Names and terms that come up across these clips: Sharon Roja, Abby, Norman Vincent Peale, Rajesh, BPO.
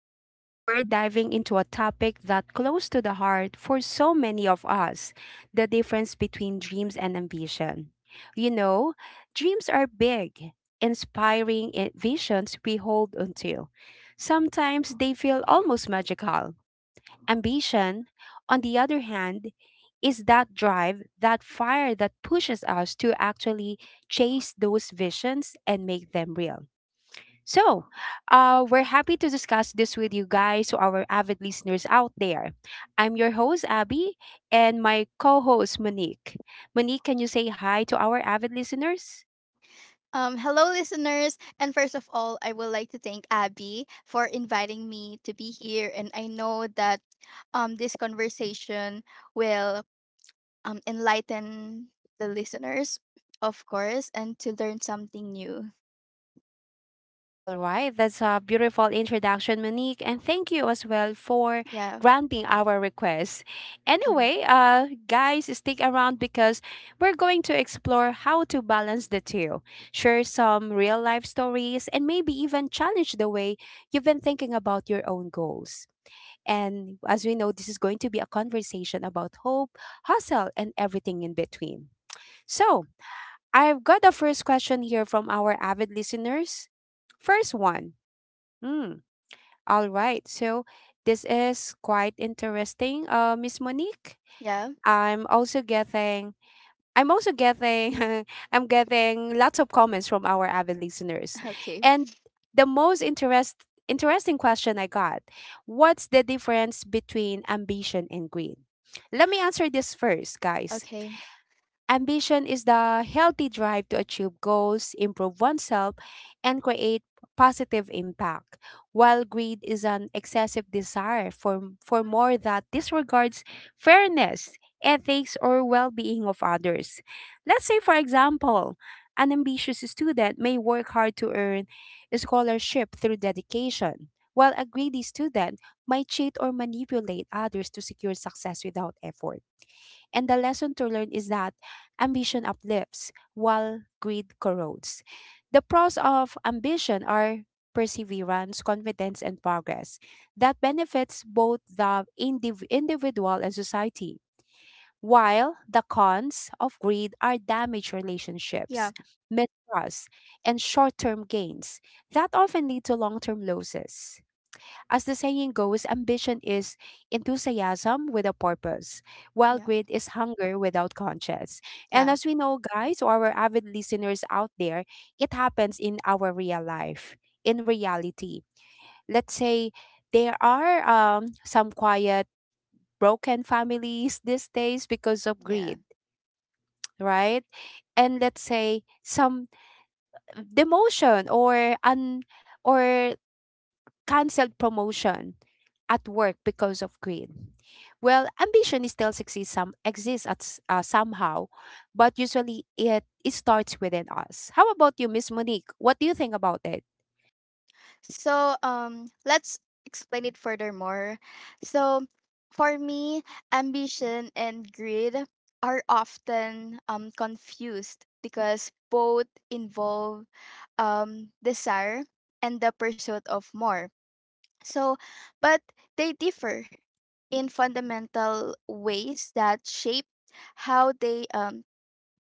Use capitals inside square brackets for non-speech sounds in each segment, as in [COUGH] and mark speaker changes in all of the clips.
Speaker 1: Today, we're diving into a topic that's close to the heart for so many of us, the difference between dreams and ambition. You know, dreams are big, inspiring visions we hold onto. Sometimes they feel almost magical. Ambition, on the other hand, is that drive, that fire that pushes us to actually chase those visions and make them real. So, we're happy to discuss this with you guys, so our avid listeners out there. I'm your host, Abby, and my co host, Monique. Monique, can you say hi to our avid listeners?
Speaker 2: Hello, listeners. And first of all, I would like to thank Abby for inviting me to be here. And I know that this conversation will enlighten the listeners, of course, and to learn something new.
Speaker 1: All right, that's a beautiful introduction, Monique, and thank you as well for
Speaker 2: Yeah.
Speaker 1: granting our request.
Speaker 2: Mhm.
Speaker 1: Anyway, guys, stick around because we're going to explore how to balance the two, share some real life stories, and maybe even challenge the way you've been thinking about your own goals. And as we know, this is going to be a conversation about hope, hustle, and everything in between. So, I've got the first question here from our avid listeners. First one. Mm, all right. So this is quite interesting, Miss Monique.
Speaker 2: Yeah.
Speaker 1: I'm also getting I'm also getting [LAUGHS] I'm getting lots of comments from our avid listeners.
Speaker 2: [LAUGHS] Okay.
Speaker 1: And the most interesting question I got, what's the difference between ambition and greed? Let me answer this first, guys.
Speaker 2: Okay.
Speaker 1: Ambition is the healthy drive to achieve goals, improve oneself, and create positive impact, while greed is an excessive desire for more that disregards fairness, ethics, or well being of others. Let's say, for example, an ambitious student may work hard to earn a scholarship through dedication, while a greedy student might cheat or manipulate others to secure success without effort. And the lesson to learn is that ambition uplifts while greed corrodes. The pros of ambition are perseverance, confidence, and progress that benefits both the individual and society. While the cons of greed are damaged relationships,
Speaker 2: Yeah.
Speaker 1: mistrust, and short term gains that often lead to long term losses. As the saying goes, ambition is enthusiasm with a purpose, while
Speaker 2: Yeah.
Speaker 1: greed is hunger without conscience. And
Speaker 2: Yeah.
Speaker 1: as we know, guys, or our avid listeners out there, it happens in our real life, in reality. Let's say there are some quiet, broken families these days because of greed,
Speaker 2: Yeah.
Speaker 1: right? And let's say some demotion or un or canceled promotion at work because of greed. Well, ambition is still exists some exists somehow, but usually it starts within us. How about you, Miss Monique? What do you think about it?
Speaker 2: Let's explain it furthermore. So for me, ambition and greed are often confused because both involve desire and the pursuit of more. So, but they differ in fundamental ways that shape how they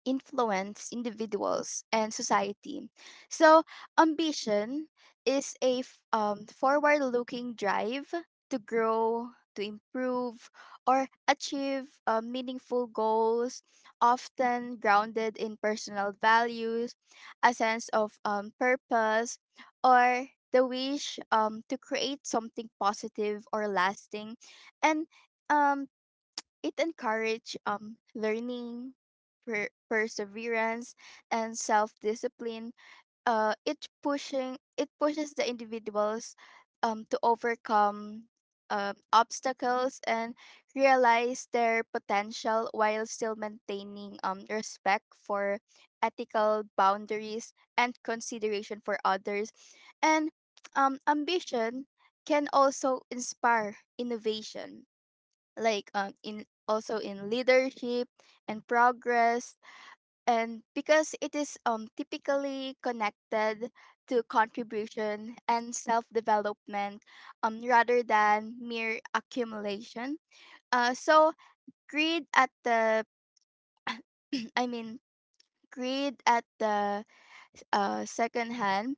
Speaker 2: influence individuals and society. So, ambition is a forward looking drive to grow, to improve, or achieve meaningful goals, often grounded in personal values, a sense of purpose, or the wish to create something positive or lasting. And um, it encourages learning, perseverance, and self-discipline. It pushes the individuals to overcome obstacles and realize their potential while still maintaining respect for ethical boundaries and consideration for others. And ambition can also inspire innovation like in leadership and progress, and because it is typically connected to contribution and self-development rather than mere accumulation. So greed at the [CLEARS THROAT] I mean greed at the second hand,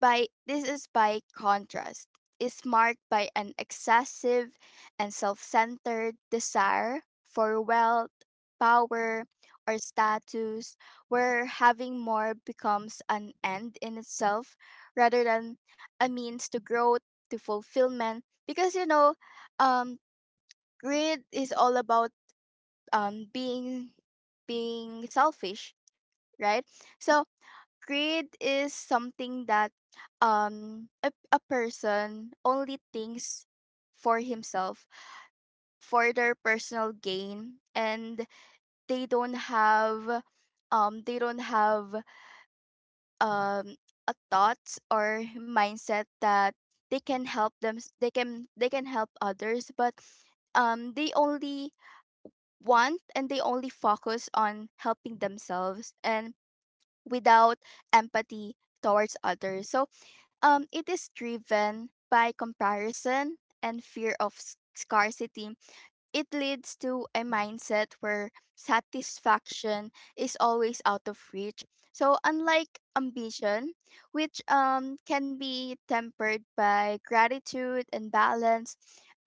Speaker 2: by this is, by contrast, is marked by an excessive and self-centered desire for wealth, power, or status, where having more becomes an end in itself rather than a means to growth, to fulfillment. Because you know, um greed is all about um being being selfish, right? So grade is something that a person only thinks for himself, for their personal gain, and they don't have um they don't have um a thought or mindset that they can help others, but they only want and they only focus on helping themselves, and without empathy towards others. So, it is driven by comparison and fear of scarcity. It leads to a mindset where satisfaction is always out of reach. So unlike ambition, which can be tempered by gratitude and balance,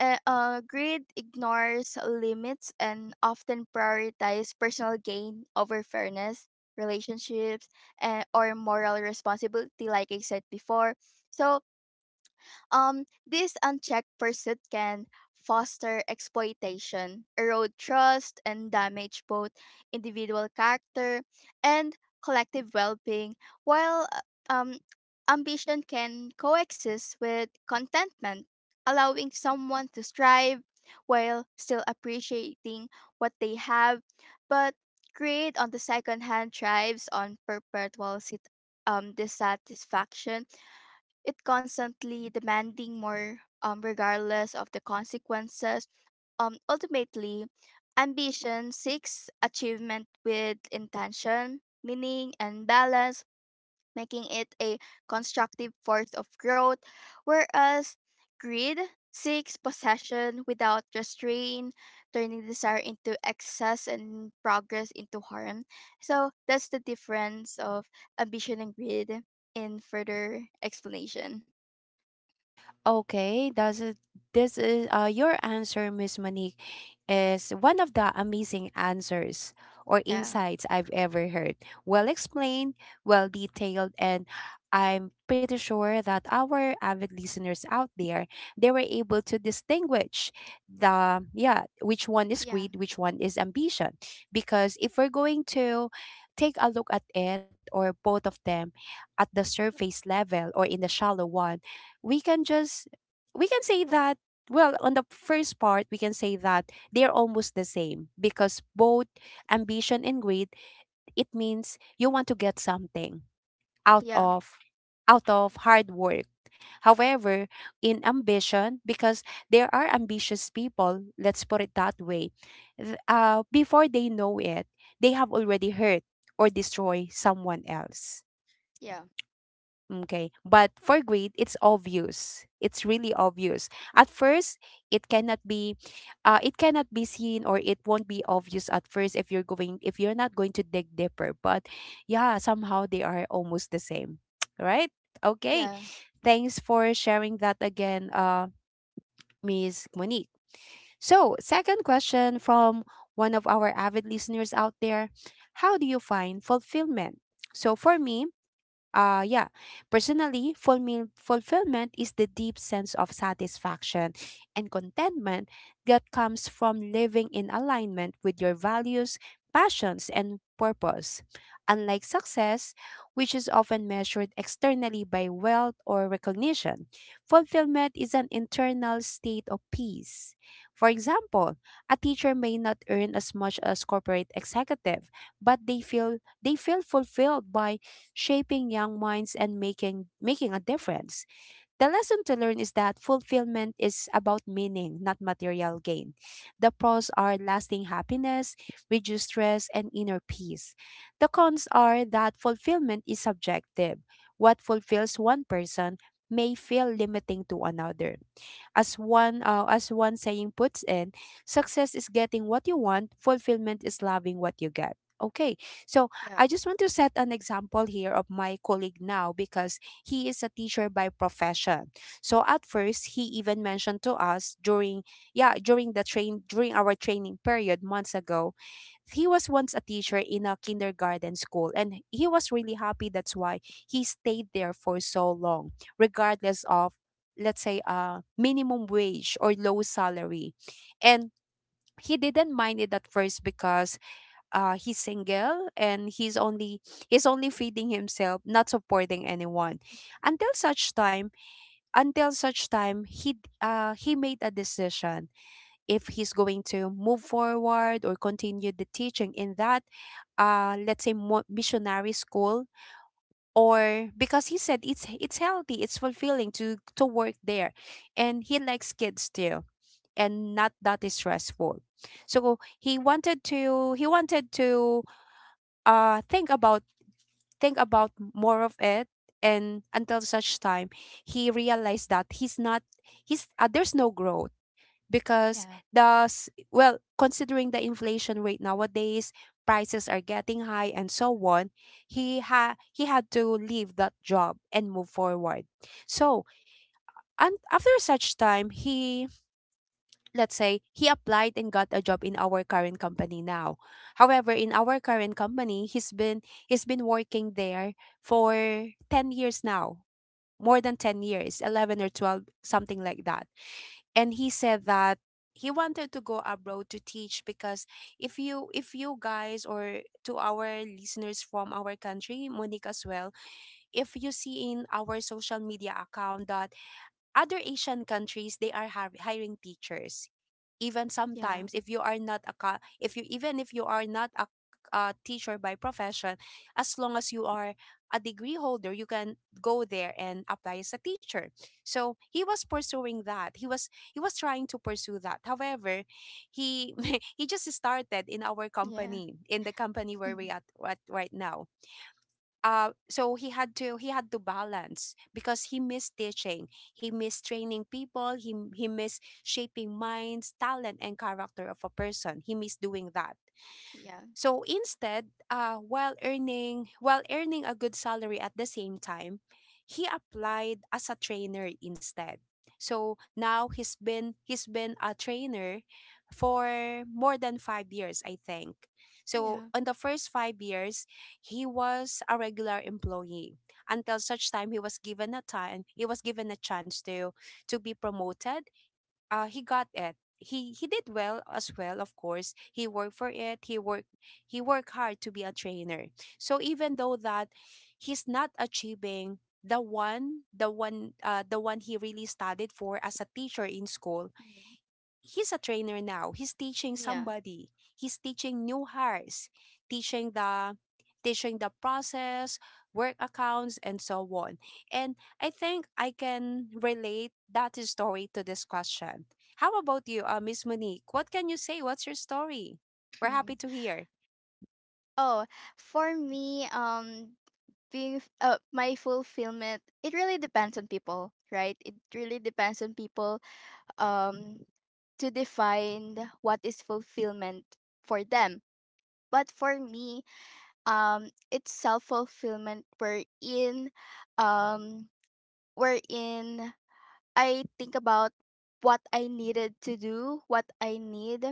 Speaker 2: greed ignores limits and often prioritizes personal gain over fairness, relationships, and or moral responsibility. Like I said before, so this unchecked pursuit can foster exploitation, erode trust, and damage both individual character and collective well being, while um, ambition can coexist with contentment, allowing someone to strive while still appreciating what they have. But greed, on the second hand, thrives on perpetual dissatisfaction, it constantly demanding more regardless of the consequences. Ultimately, ambition seeks achievement with intention, meaning, and balance, making it a constructive force of growth, whereas greed seeks possession without restraint, turning desire into excess and progress into harm. So that's the difference of ambition and greed in further explanation.
Speaker 1: Okay, this is your answer, Miss Monique, is one of the amazing answers or
Speaker 2: Yeah,
Speaker 1: insights I've ever heard. Well explained, well detailed, and I'm pretty sure that our avid listeners out there they were able to distinguish the yeah which one is
Speaker 2: yeah,
Speaker 1: greed, which one is ambition. Because if we're going to take a look at it or both of them at the surface level or in the shallow one we can just we can say that well on the first part we can say that they're almost the same because both ambition and greed it means you want to get something out
Speaker 2: yeah,
Speaker 1: of out of hard work however in ambition because there are ambitious people let's put it that way before they know it they have already hurt or destroy someone else. Okay. But for greed, it's obvious. It's really obvious. At first, it cannot be it cannot be seen or it won't be obvious at first if you're not going to dig deeper. But yeah, somehow they are almost the same. [TSK] Right? Okay.
Speaker 2: yeah,
Speaker 1: Thanks for sharing that again, Miss Monique. So, second question from one of our avid listeners out there. How do you find fulfillment? So for me, yeah, personally, fulfillment is the deep sense of satisfaction and contentment that comes from living in alignment with your values, passions, and purpose. Unlike success, which is often measured externally by wealth or recognition, fulfillment is an internal state of peace. For example, a teacher may not earn as much as corporate executive, but they feel fulfilled by shaping young minds and making a difference. The lesson to learn is that fulfillment is about meaning, not material gain. The pros are lasting happiness, reduced stress, and inner peace. The cons are that fulfillment is subjective. What fulfills one person may feel limiting to another. As one saying puts in, success is getting what you want, fulfillment is loving what you get. Okay. So,
Speaker 2: yeah,
Speaker 1: I just want to set an example here of my colleague now because he is a teacher by profession. So, at first, he even mentioned to us during yeah, during the train during our training period months ago, he was once a teacher in a kindergarten school and he was really happy. That's why he stayed there for so long regardless of, let's say, minimum wage or low salary, and he didn't mind it at first because he's single and he's only feeding himself, not supporting anyone. until such time until such time he made a decision if he's going to move forward or continue the teaching in that, let's say, missionary school, or because he said it's healthy it's fulfilling to work there and he likes kids too, and not that is stressful. So he wanted to think about more of it, and until such time he realized that he's not he's there's no growth, because
Speaker 2: yeah,
Speaker 1: well, considering the inflation rate nowadays, prices are getting high and so on, he had to leave that job and move forward. So, and after such time he, let's say, he applied and got a job in our current company now. However, in our current company he's been working there for 10 years now, more than 10 years, 11 or 12, something like that. And he said that he wanted to go abroad to teach because if you guys or to our listeners from our country, Monique, as well, if you see in our social media account that other Asian countries they are hiring teachers. Even
Speaker 2: yeah,
Speaker 1: sometimes, if you are not a co- if you even if you are not a, a teacher by profession, as long as you are a degree holder, you can go there and apply as a teacher. So he was pursuing that. He was trying to pursue that. However, he [LAUGHS] he just started in our
Speaker 2: yeah, yeah,
Speaker 1: company, in the company where we
Speaker 2: [LAUGHS]
Speaker 1: at right now. So he had to balance because he missed teaching, he missed training people, he missed shaping minds, talent and character of a person. He missed doing that.
Speaker 2: yeah,
Speaker 1: So instead, while earning a good salary at the same time, he applied as a trainer instead. So now he's been a trainer for more than 5 years, I think. So
Speaker 2: yeah,
Speaker 1: in the first 5 years, he was a regular employee until such time he was given a time he was given a chance to be promoted. He got it, he did well as well. Of course, he worked for it. He worked hard to be a trainer. So, even though that he's not achieving the one the one he really studied for as a teacher in school,
Speaker 2: mm,
Speaker 1: he's a trainer now. He's teaching
Speaker 2: yeah.
Speaker 1: somebody. He's teaching new hires, teaching the teaching the process, work accounts, and so on. And I think I can relate that story to this question. How about you, Miss Monique? What can you say? What's your story? We're happy
Speaker 2: Mm.
Speaker 1: to hear.
Speaker 2: Oh, for me, my fulfillment, it really depends on people, right? It really depends on people, um, to define what is fulfillment for them. But for me, it's self fulfillment We're in, um, we're in, I think about what I needed to do, what I need,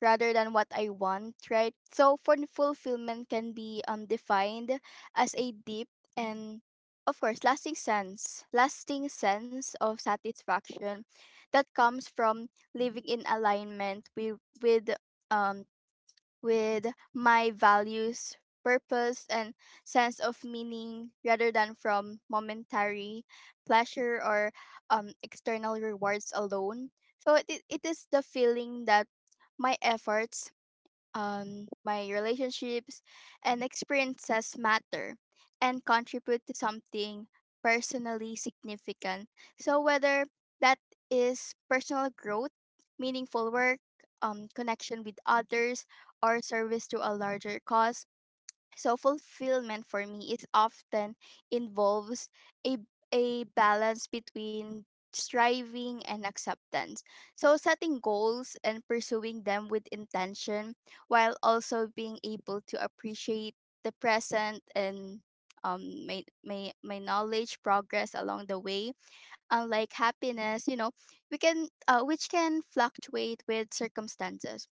Speaker 2: rather than what I want, right? So for fulfillment can be defined as a deep and, of course, lasting sense of satisfaction that comes from living in alignment with um with my values, purpose, and sense of meaning rather than from momentary pleasure or external rewards alone. It is the feeling that my efforts, my relationships, and experiences matter and contribute to something personally significant. So, whether that is personal growth, meaningful work, connection with others, or service to a larger cause, so fulfillment for me is often involves a a balance between striving and acceptance. So setting goals and pursuing them with intention while also being able to appreciate the present and my knowledge progress along the way. Unlike happiness, you know, we can which can fluctuate with circumstances,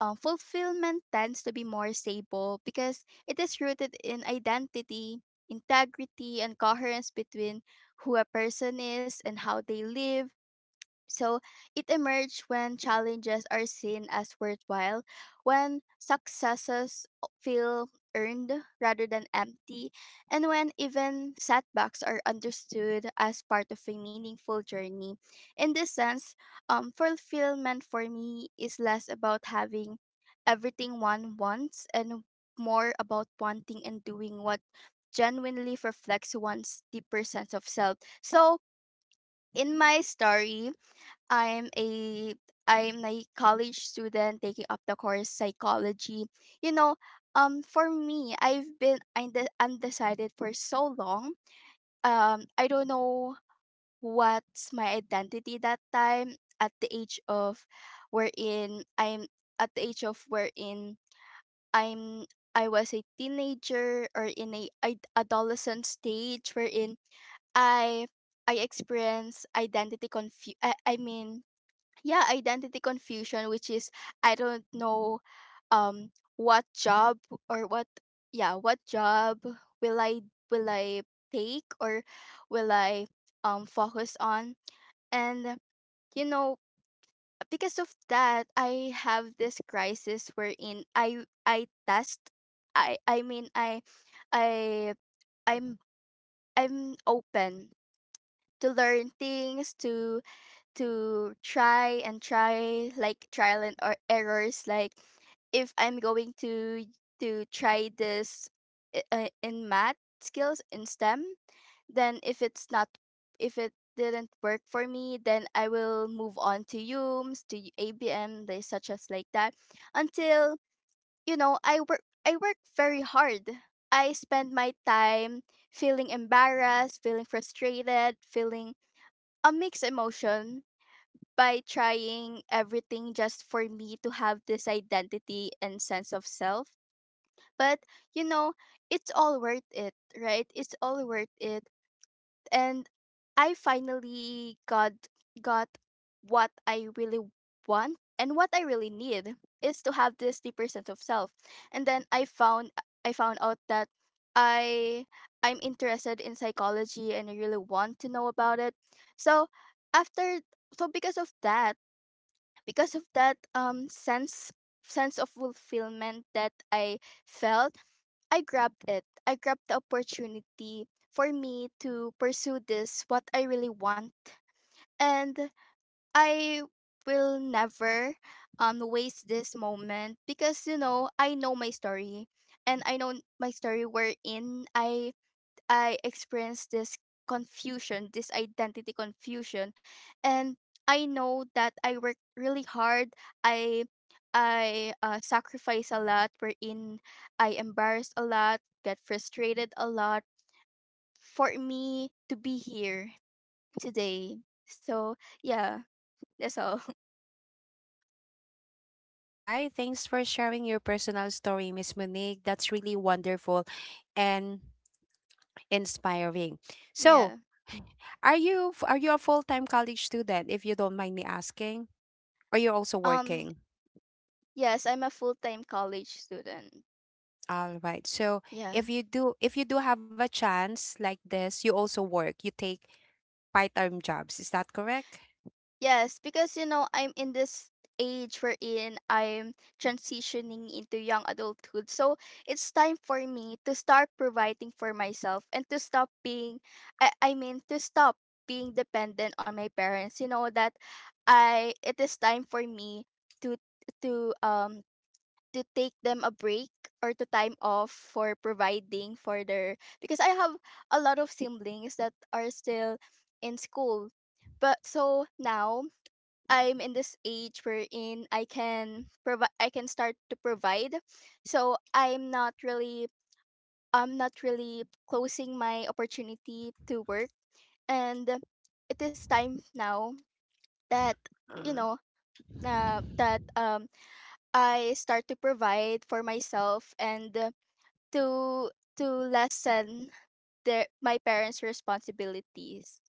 Speaker 2: fulfillment tends to be more stable because it is rooted in identity, integrity, and coherence between who a person is and how they live. So it emerged when challenges are seen as worthwhile, when successes feel earned rather than empty, and when even setbacks are understood as part of a meaningful journey. In this sense, fulfillment for me is less about having everything one wants and more about wanting and doing what genuinely reflects one's deeper sense of self. So, in my story, I'm a I'm a college student taking up the course psychology. You know, for me, I've been undecided for so long. I don't know what's my identity that time, at the age of wherein I'm, at the age of wherein I'm I was a teenager, or in a ad- adolescent stage wherein I I experience identity confusion, which is, I don't know, um what job or what, yeah, what job will I take or will I focus on. And you know, because of that, I have this crisis wherein I test I mean I i'm I'm open to learn things, to try and try like trial and or errors, like if I'm going to try this, in math skills in STEM, then if it's not, if it didn't work for me, then I will move on to UMS to abm, they such as like that. Until, you know, I work very hard. I spend my time feeling embarrassed, feeling frustrated, feeling a mixed emotion, by trying everything just for me to have this identity and sense of self. But, you know, it's all worth it, right? It's all worth it. And I finally got what I really want, and what I really need is to have this deeper sense of self. And then I found out that I I'm interested in psychology and I really want to know about it. So after, so because of that because of that sense of fulfillment that I felt, I grabbed it. I grabbed the opportunity for me to pursue this, what I really want. And I will never waste this moment, because you know, I know my story, and I know my story, wherein I experienced this confusion, this identity confusion. And I know that I worked really hard. I I sacrifice a lot, wherein I embarrassed a lot, get frustrated a lot, for me to be here today. So yeah, that's all. [LAUGHS]
Speaker 1: Right. Thanks for sharing your personal story, Miss Monique. That's really wonderful and inspiring. So,
Speaker 2: Yeah.
Speaker 1: are are you a full-time college student, if you don't mind me asking? Or you're also
Speaker 2: Um.
Speaker 1: working?
Speaker 2: Yes, I'm a full time college student.
Speaker 1: All right. So
Speaker 2: Yeah.
Speaker 1: if you do have a chance like this, you also work. You take part-time jobs. Is that correct?
Speaker 2: Yes, because you know, I'm in this age wherein I'm transitioning into young adulthood. So it's time for me to start providing for myself and to stop being, to stop being dependent on my parents. You know, that I, it is time for me to, to, um, to take them a break, or to time off for providing for their, because I have a lot of siblings that are still in school. But so now I'm in this age wherein I can provide, I can start to provide. So I'm not really closing my opportunity to work. And it is time now that, you know, that I start to provide for myself, and to to lessen their, my parents' responsibilities.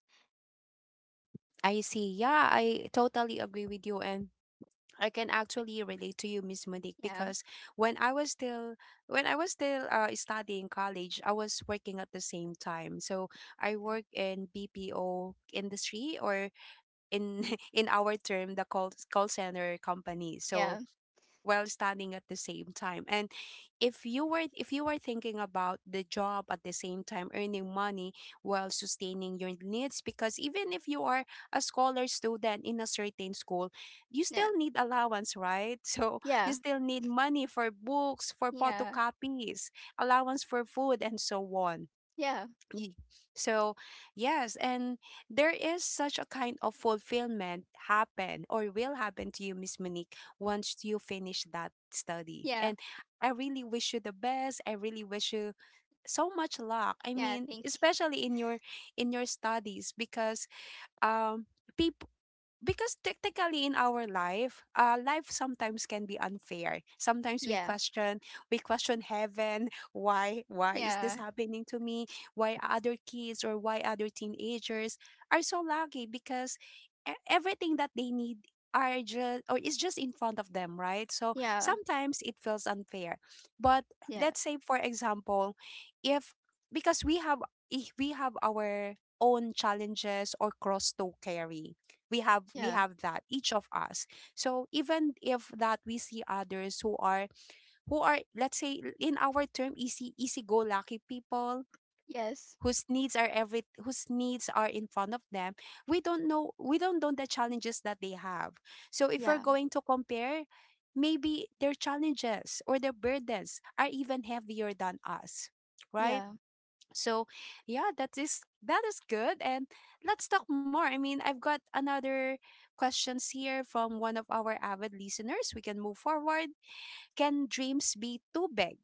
Speaker 1: I see. Yeah, I totally agree with you and I can actually relate to you, Miss Monique,
Speaker 2: Yeah.
Speaker 1: because when I was still when I was still studying college, I was working at the same time. So I work in BPO industry or in [LAUGHS] in our term the call center company so
Speaker 2: Yeah.
Speaker 1: while studying at the same time. And if you were thinking about the job at the same time earning money while sustaining your needs, because even if you are a scholar student in a certain school, you
Speaker 2: Yeah.
Speaker 1: still need allowance, right? [LAUGHS] So you
Speaker 2: Yeah.
Speaker 1: still need money for books, for
Speaker 2: Yeah.
Speaker 1: photocopies, allowance for food, and so on.
Speaker 2: Yeah. Yeah.
Speaker 1: Ye- So, yes, and there is such a kind of fulfillment happen or will happen to you, Miss Monique, once you finish that study.
Speaker 2: Yeah.
Speaker 1: And I really wish you the best. I really wish you so much luck. I
Speaker 2: Yeah.
Speaker 1: mean,
Speaker 2: Thank you.
Speaker 1: especially in your studies, because um people, because technically in our life life sometimes can be unfair. Sometimes we
Speaker 2: Yeah,
Speaker 1: question heaven, why is this
Speaker 2: yeah,
Speaker 1: happening to me, why other kids or why other teenagers are so lucky? Because everything that they need are just, or is just in front of them, right? So
Speaker 2: yeah,
Speaker 1: sometimes it feels unfair, but
Speaker 2: yeah,
Speaker 1: let's say, for example, if, because we have, if we have our own challenges or cross to carry, we have we
Speaker 2: yeah,
Speaker 1: have that, each of us. So even if that we see others who are, who are, let's say in our term, easy go lucky people,
Speaker 2: yes,
Speaker 1: whose needs are every whose needs are in front of them, we don't know the challenges that they have. So if we're
Speaker 2: yeah,
Speaker 1: going to compare, maybe their challenges or their burdens are even heavier than us, right?
Speaker 2: yeah,
Speaker 1: So yeah, that is good. And let's talk more. I mean, I've got another questions here from one of our avid listeners. We can move forward. Can dreams be too big?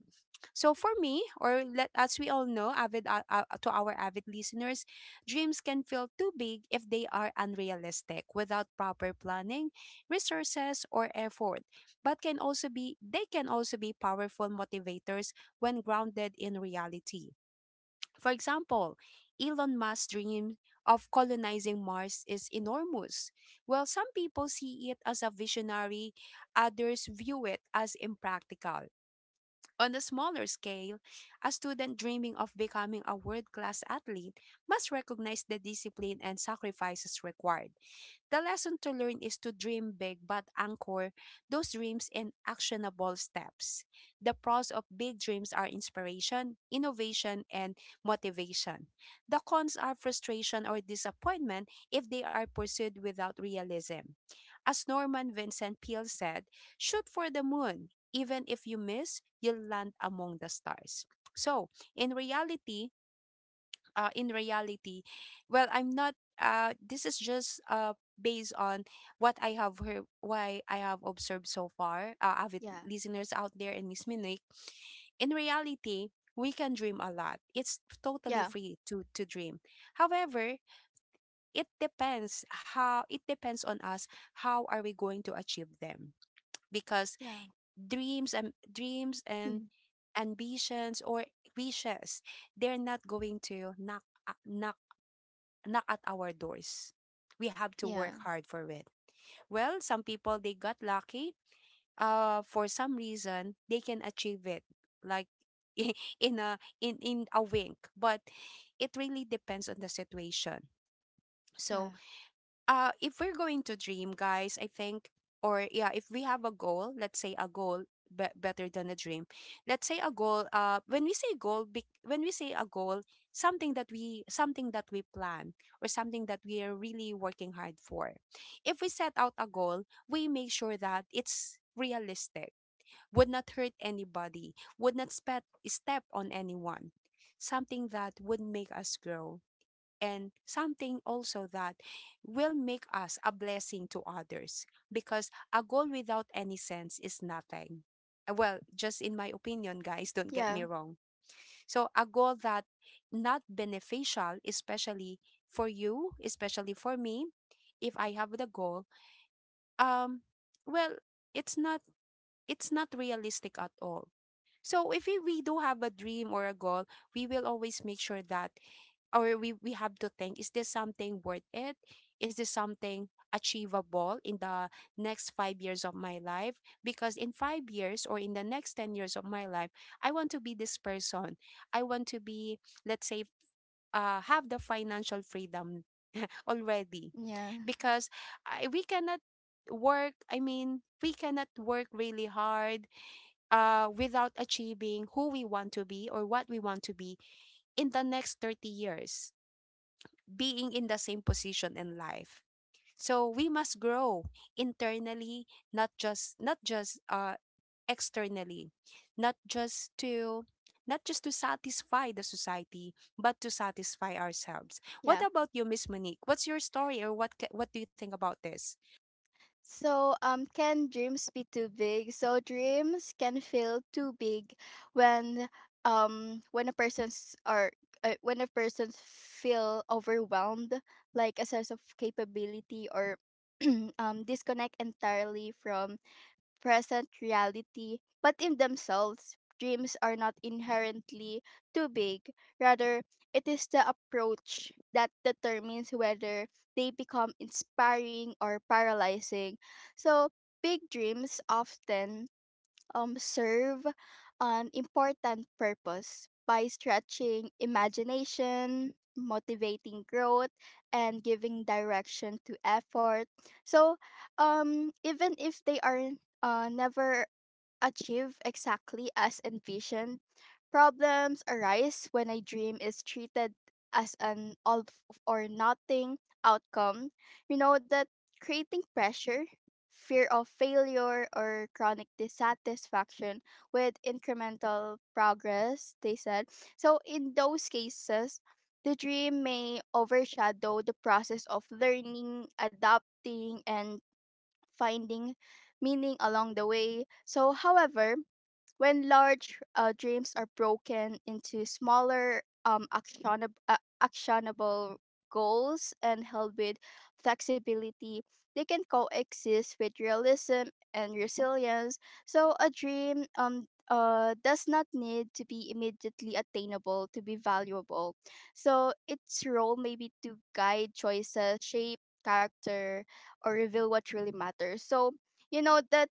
Speaker 1: So for me, or let as we all know, avid to our avid listeners, dreams can feel too big if they are unrealistic without proper planning, resources, or effort. But can also be they can also be powerful motivators when grounded in reality. For example, Elon Musk's dream of colonizing Mars is enormous. While some people see it as a visionary, others view it as impractical. On a smaller scale, a student dreaming of becoming a world class athlete must recognize the discipline and sacrifices required. The lesson to learn is to dream big but anchor those dreams in actionable steps. The pros of big dreams are inspiration, innovation, and motivation. The cons are frustration or disappointment if they are pursued without realism. As Norman Vincent Peale said, shoot for the moon. Even if you miss, you'll land among the stars. So, in reality, in reality, well I'm not this is just based on what I have heard, why I have observed so far, avid
Speaker 2: yeah,
Speaker 1: listeners out there and Miss Minic. In reality, we can dream a lot. It's totally
Speaker 2: yeah,
Speaker 1: free to dream. However, it depends on us how are we going to achieve them, because
Speaker 2: yeah,
Speaker 1: dreams and
Speaker 2: mm,
Speaker 1: ambitions or wishes, they're not going to knock at our doors. We have to
Speaker 2: yeah,
Speaker 1: work hard for it. Well, some people they got lucky. For some reason they can achieve it, like [LAUGHS] in a in in a wink. But it really depends on the situation.
Speaker 2: yeah,
Speaker 1: So if we're going to dream, guys, I think, or yeah, if we have a goal, let's say a goal, better than a dream. Let's say a goal, uh, when we say goal, be- when we say a goal, something that we, something that we plan, or something that we are really working hard for. If we set out a goal, we make sure that it's realistic, would not hurt anybody, would not step on anyone, something that would make us grow, and something also that will make us a blessing to others, because a goal without any sense is nothing. Well, just in my opinion, guys, don't get me
Speaker 2: yeah,
Speaker 1: wrong. So, a goal that not beneficial, especially for you, especially for me, if I have the goal, um, well, it's not, it's not realistic at all. So if we do have a dream or a goal, we will always make sure that, or we have to think, is this something worth it, is this something achievable in the next 5 years of my life? Because in 5 years, or in the next 10 years of my life, I want to be this person. I want to be, let's say, have the financial freedom [LAUGHS] already,
Speaker 2: yeah,
Speaker 1: because we cannot work I mean we cannot work really hard without achieving who we want to be or what we want to be in the next 30 years, being in the same position in life. So we must grow internally, not just externally, not just to not just to satisfy the society, but to satisfy ourselves. What
Speaker 2: yeah.
Speaker 1: about you, Miss Monique? What's your story, or what do you think about this?
Speaker 2: So, can dreams be too big? So, dreams can feel too big when, when a person's or when a person feel overwhelmed, like a sense of capability or [CLEARS THROAT] disconnect entirely from present reality. But in themselves, dreams are not inherently too big. Rather, it is the approach that determines whether they become inspiring or paralyzing. So, big dreams often serve an important purpose by stretching imagination, motivating growth, and giving direction to effort. So, even if they are never achieve exactly as envisioned. Problems arise when a dream is treated as an or nothing outcome. You know that, creating pressure, fear of failure, or chronic dissatisfaction with incremental progress, they said. So, in those cases, the dream may overshadow the process of learning, adapting, and finding meaning along the way. So, however, when large dreams are broken into smaller, actionable goals and held with flexibility, they can coexist with realism and resilience. So a dream does not need to be immediately attainable to be valuable. So its role may be to guide choices, shape character, or reveal what really matters. So you know that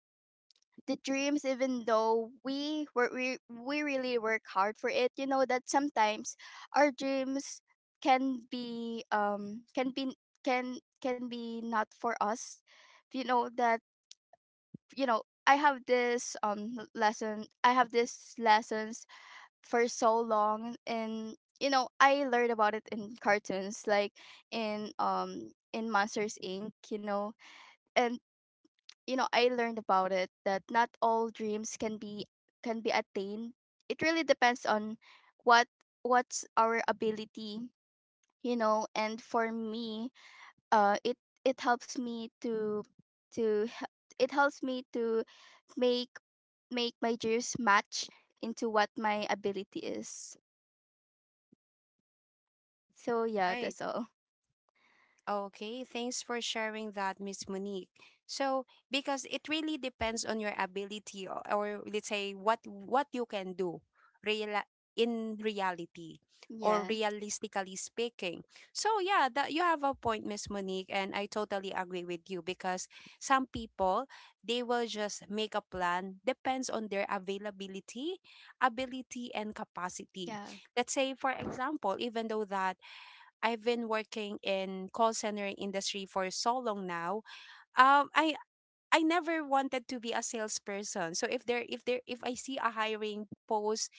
Speaker 2: the dreams, even though we really work hard for it, you know that sometimes our dreams can be, can be not for us. You know that, you know, I have this l- lesson I have this lessons for so long, and you know, I learned about it in cartoons, like in Monsters Inc, you know. And you know, I learned about it that not all dreams can be attained. It really depends on what, what's our ability. You know, and for me, it, it helps me to h- it helps me to make make my dreams match into what my ability is. So yeah,
Speaker 1: Right.
Speaker 2: that's all.
Speaker 1: Okay, thanks for sharing that, Miss Monique. So, because it really depends on your ability, or let's say what you can do, real, in reality, or
Speaker 2: Yeah.
Speaker 1: realistically speaking. So, yeah, that you have a point, Miss Monique, and I totally agree with you, because some people they will just make a plan depends on their availability, ability, and capacity.
Speaker 2: Yeah.
Speaker 1: Let's say, for example, even though that I've been working in call center industry for so long now. Um, I I never wanted to be a salesperson. So if I see a hiring post,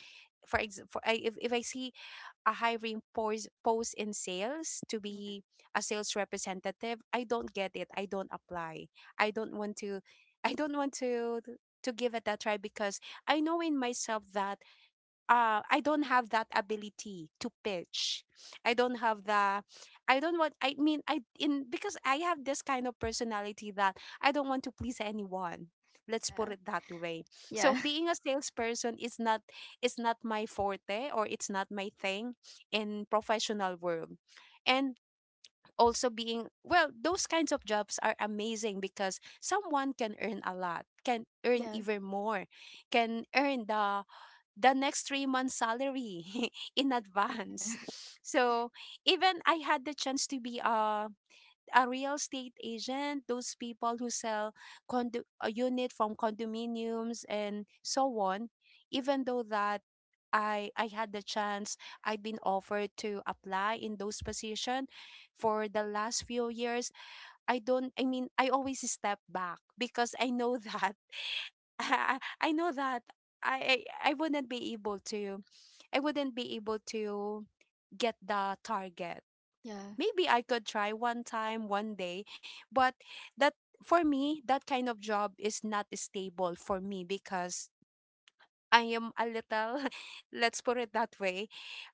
Speaker 1: for ex example, if I see a hiring post in sales, to
Speaker 2: Yeah.
Speaker 1: be a sales representative, I don't get it. I don't apply. I don't want to I don't want to give it a try, because I know in myself that I don't have that ability to pitch. I don't have the, I don't want. I mean, I in because I have this kind of personality that I don't want to please anyone. Let's put it that way. So
Speaker 2: Yeah.
Speaker 1: being a salesperson is not, is not my forte, or it's not my thing in professional world. And also being, well, those kinds of jobs are amazing because someone can earn a lot, can
Speaker 2: [LAUGHS]
Speaker 1: earn
Speaker 2: Yeah. Yeah.
Speaker 1: even more, can earn the next three months salary [LAUGHS] in advance. So even I had the chance to be a real estate agent, those people who sell condo, a unit from condominiums and so on. Even though that I had the chance, I have been offered to apply in those position for the last few years, I don't I mean I always step back because I know [LAUGHS] that [LAUGHS] I know that, I wouldn't be able to, I wouldn't be able to get the target. Maybe I could try one time, one day, but that, for me, that kind of job is not stable for me because I am a little, [LAUGHS] let's put it that way.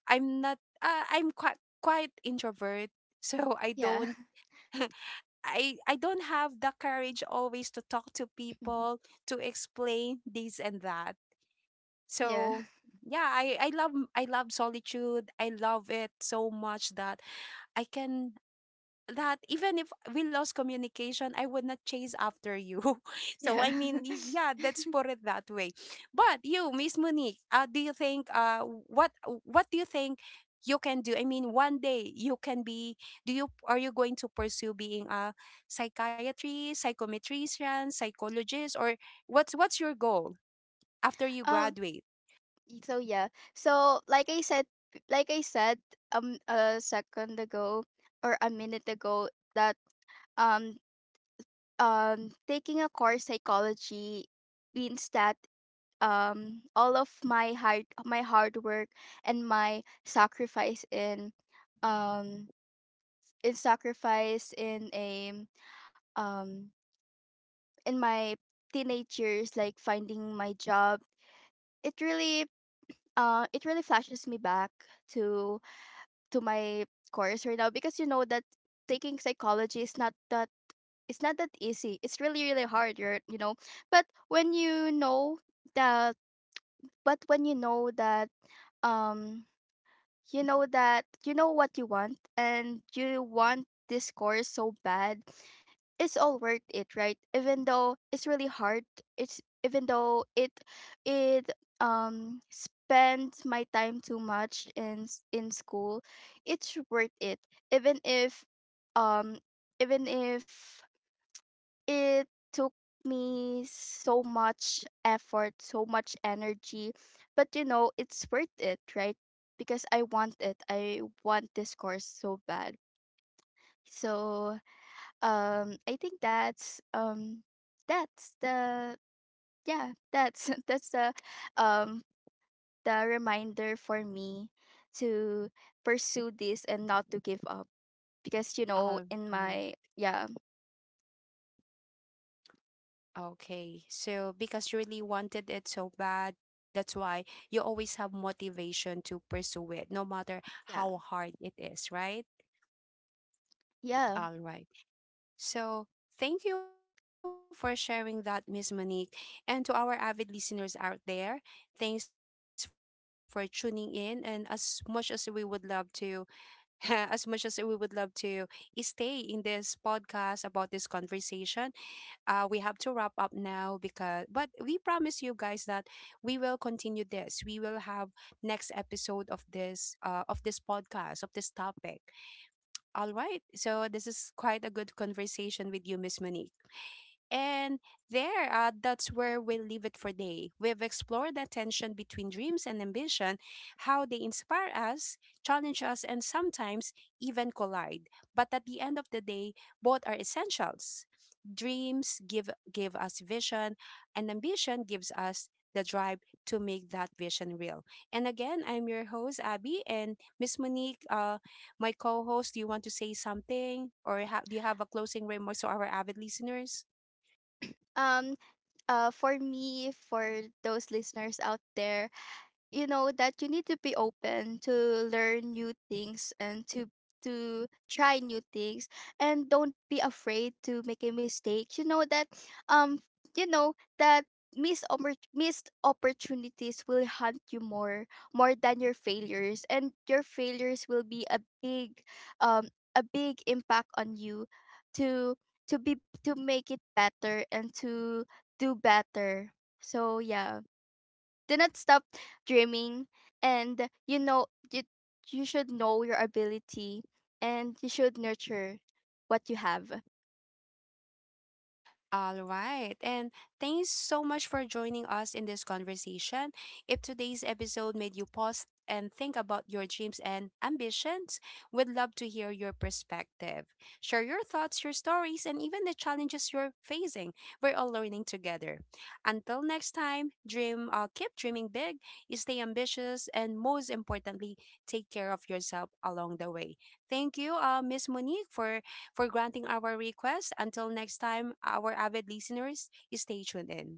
Speaker 1: I'm not I'm quite introvert, [LAUGHS] so I
Speaker 2: Yeah.
Speaker 1: don't
Speaker 2: [LAUGHS]
Speaker 1: [LAUGHS] I don't have the courage always to talk to people, to explain this and that.
Speaker 2: Yeah. Yeah.
Speaker 1: So yeah, I love solitude. I love it so much that I can, that even if we lost communication, I would not chase after you.
Speaker 2: [LAUGHS]
Speaker 1: [LAUGHS] So
Speaker 2: Yeah.
Speaker 1: I mean, yeah, let's put it that way. But you, Miss Monique, do you think, what what do you think you can do, I mean, one day you can be, do you are you going to pursue being a psychiatrist, psychometrician, psychologist, or what's your goal after you
Speaker 2: um
Speaker 1: graduate?
Speaker 2: So yeah. So like I said, like I said a second ago, or a minute ago, that um taking a course psychology means that all of my hard work and my sacrifice in, um in sacrifice in a um in my teenage years, like finding my job, it really, it really flashes me back to to my course right now, because you know that taking psychology is not that, it's not that easy. It's really really hard, you're, you know. But when you know that but when you know that um you know that, you know what you want, and you want this course so bad, it's all worth it, right? Even though it's really hard, it's, even though it spends my time too much in in school, it's worth it. Even if um even if it took me so much effort, so much energy, but you know, it's worth it, right? Because I want it. I want this course so bad. So, I think that's the, yeah, that's [LAUGHS] that's um the reminder for me to pursue this and not to give up, because you know,
Speaker 1: All
Speaker 2: in
Speaker 1: right.
Speaker 2: my, yeah.
Speaker 1: Okay. So because you really wanted it so bad, that's why you always have motivation to pursue it, no matter
Speaker 2: Yeah.
Speaker 1: how hard it is, right?
Speaker 2: Yeah.
Speaker 1: All right. So thank you for sharing that, Miss Monique. And to our avid listeners out there, thanks for tuning in. And as much as we would love to, [LAUGHS] as much as we would love to stay in this podcast about this conversation, we have to wrap up now, because but we promise you guys that we will have next episode of this podcast of this topic. All right, so this is quite a good conversation with you, Miss Monique. And there, that's where we leave it for day. We've explored the tension between dreams and ambition, how they inspire us, challenge us, and sometimes even collide. But at the end of the day, both are essentials. Dreams give give us vision, and ambition gives us the drive to make that vision real. And again, I'm your host, Abby, and Miss Monique. My co-host, do you want to say something, or do you have a closing remarks to our avid listeners?
Speaker 2: um for me, for those listeners out there, you know that you need to be open to learn new things, and to try new things, and don't be afraid to make a mistake. You know that, um you know that missed opportunities will haunt you more more than your failures, and your failures will be um a big impact on you, to to be, to make it better, and to do better. So yeah, do not stop dreaming. And you know, you should know your ability, and you should nurture what you have.
Speaker 1: All right. And thanks so much for joining us in this conversation. If today's episode made you pause and think about your dreams and ambitions, we'd love to hear your perspective. Share your thoughts, your stories, and even the challenges you're facing. We're all learning together. Until next time, keep dreaming big, stay ambitious, and most importantly, take care of yourself along the way. Thank you, Miss Monique, for granting our request. Until next time, our avid listeners, stay tuned in.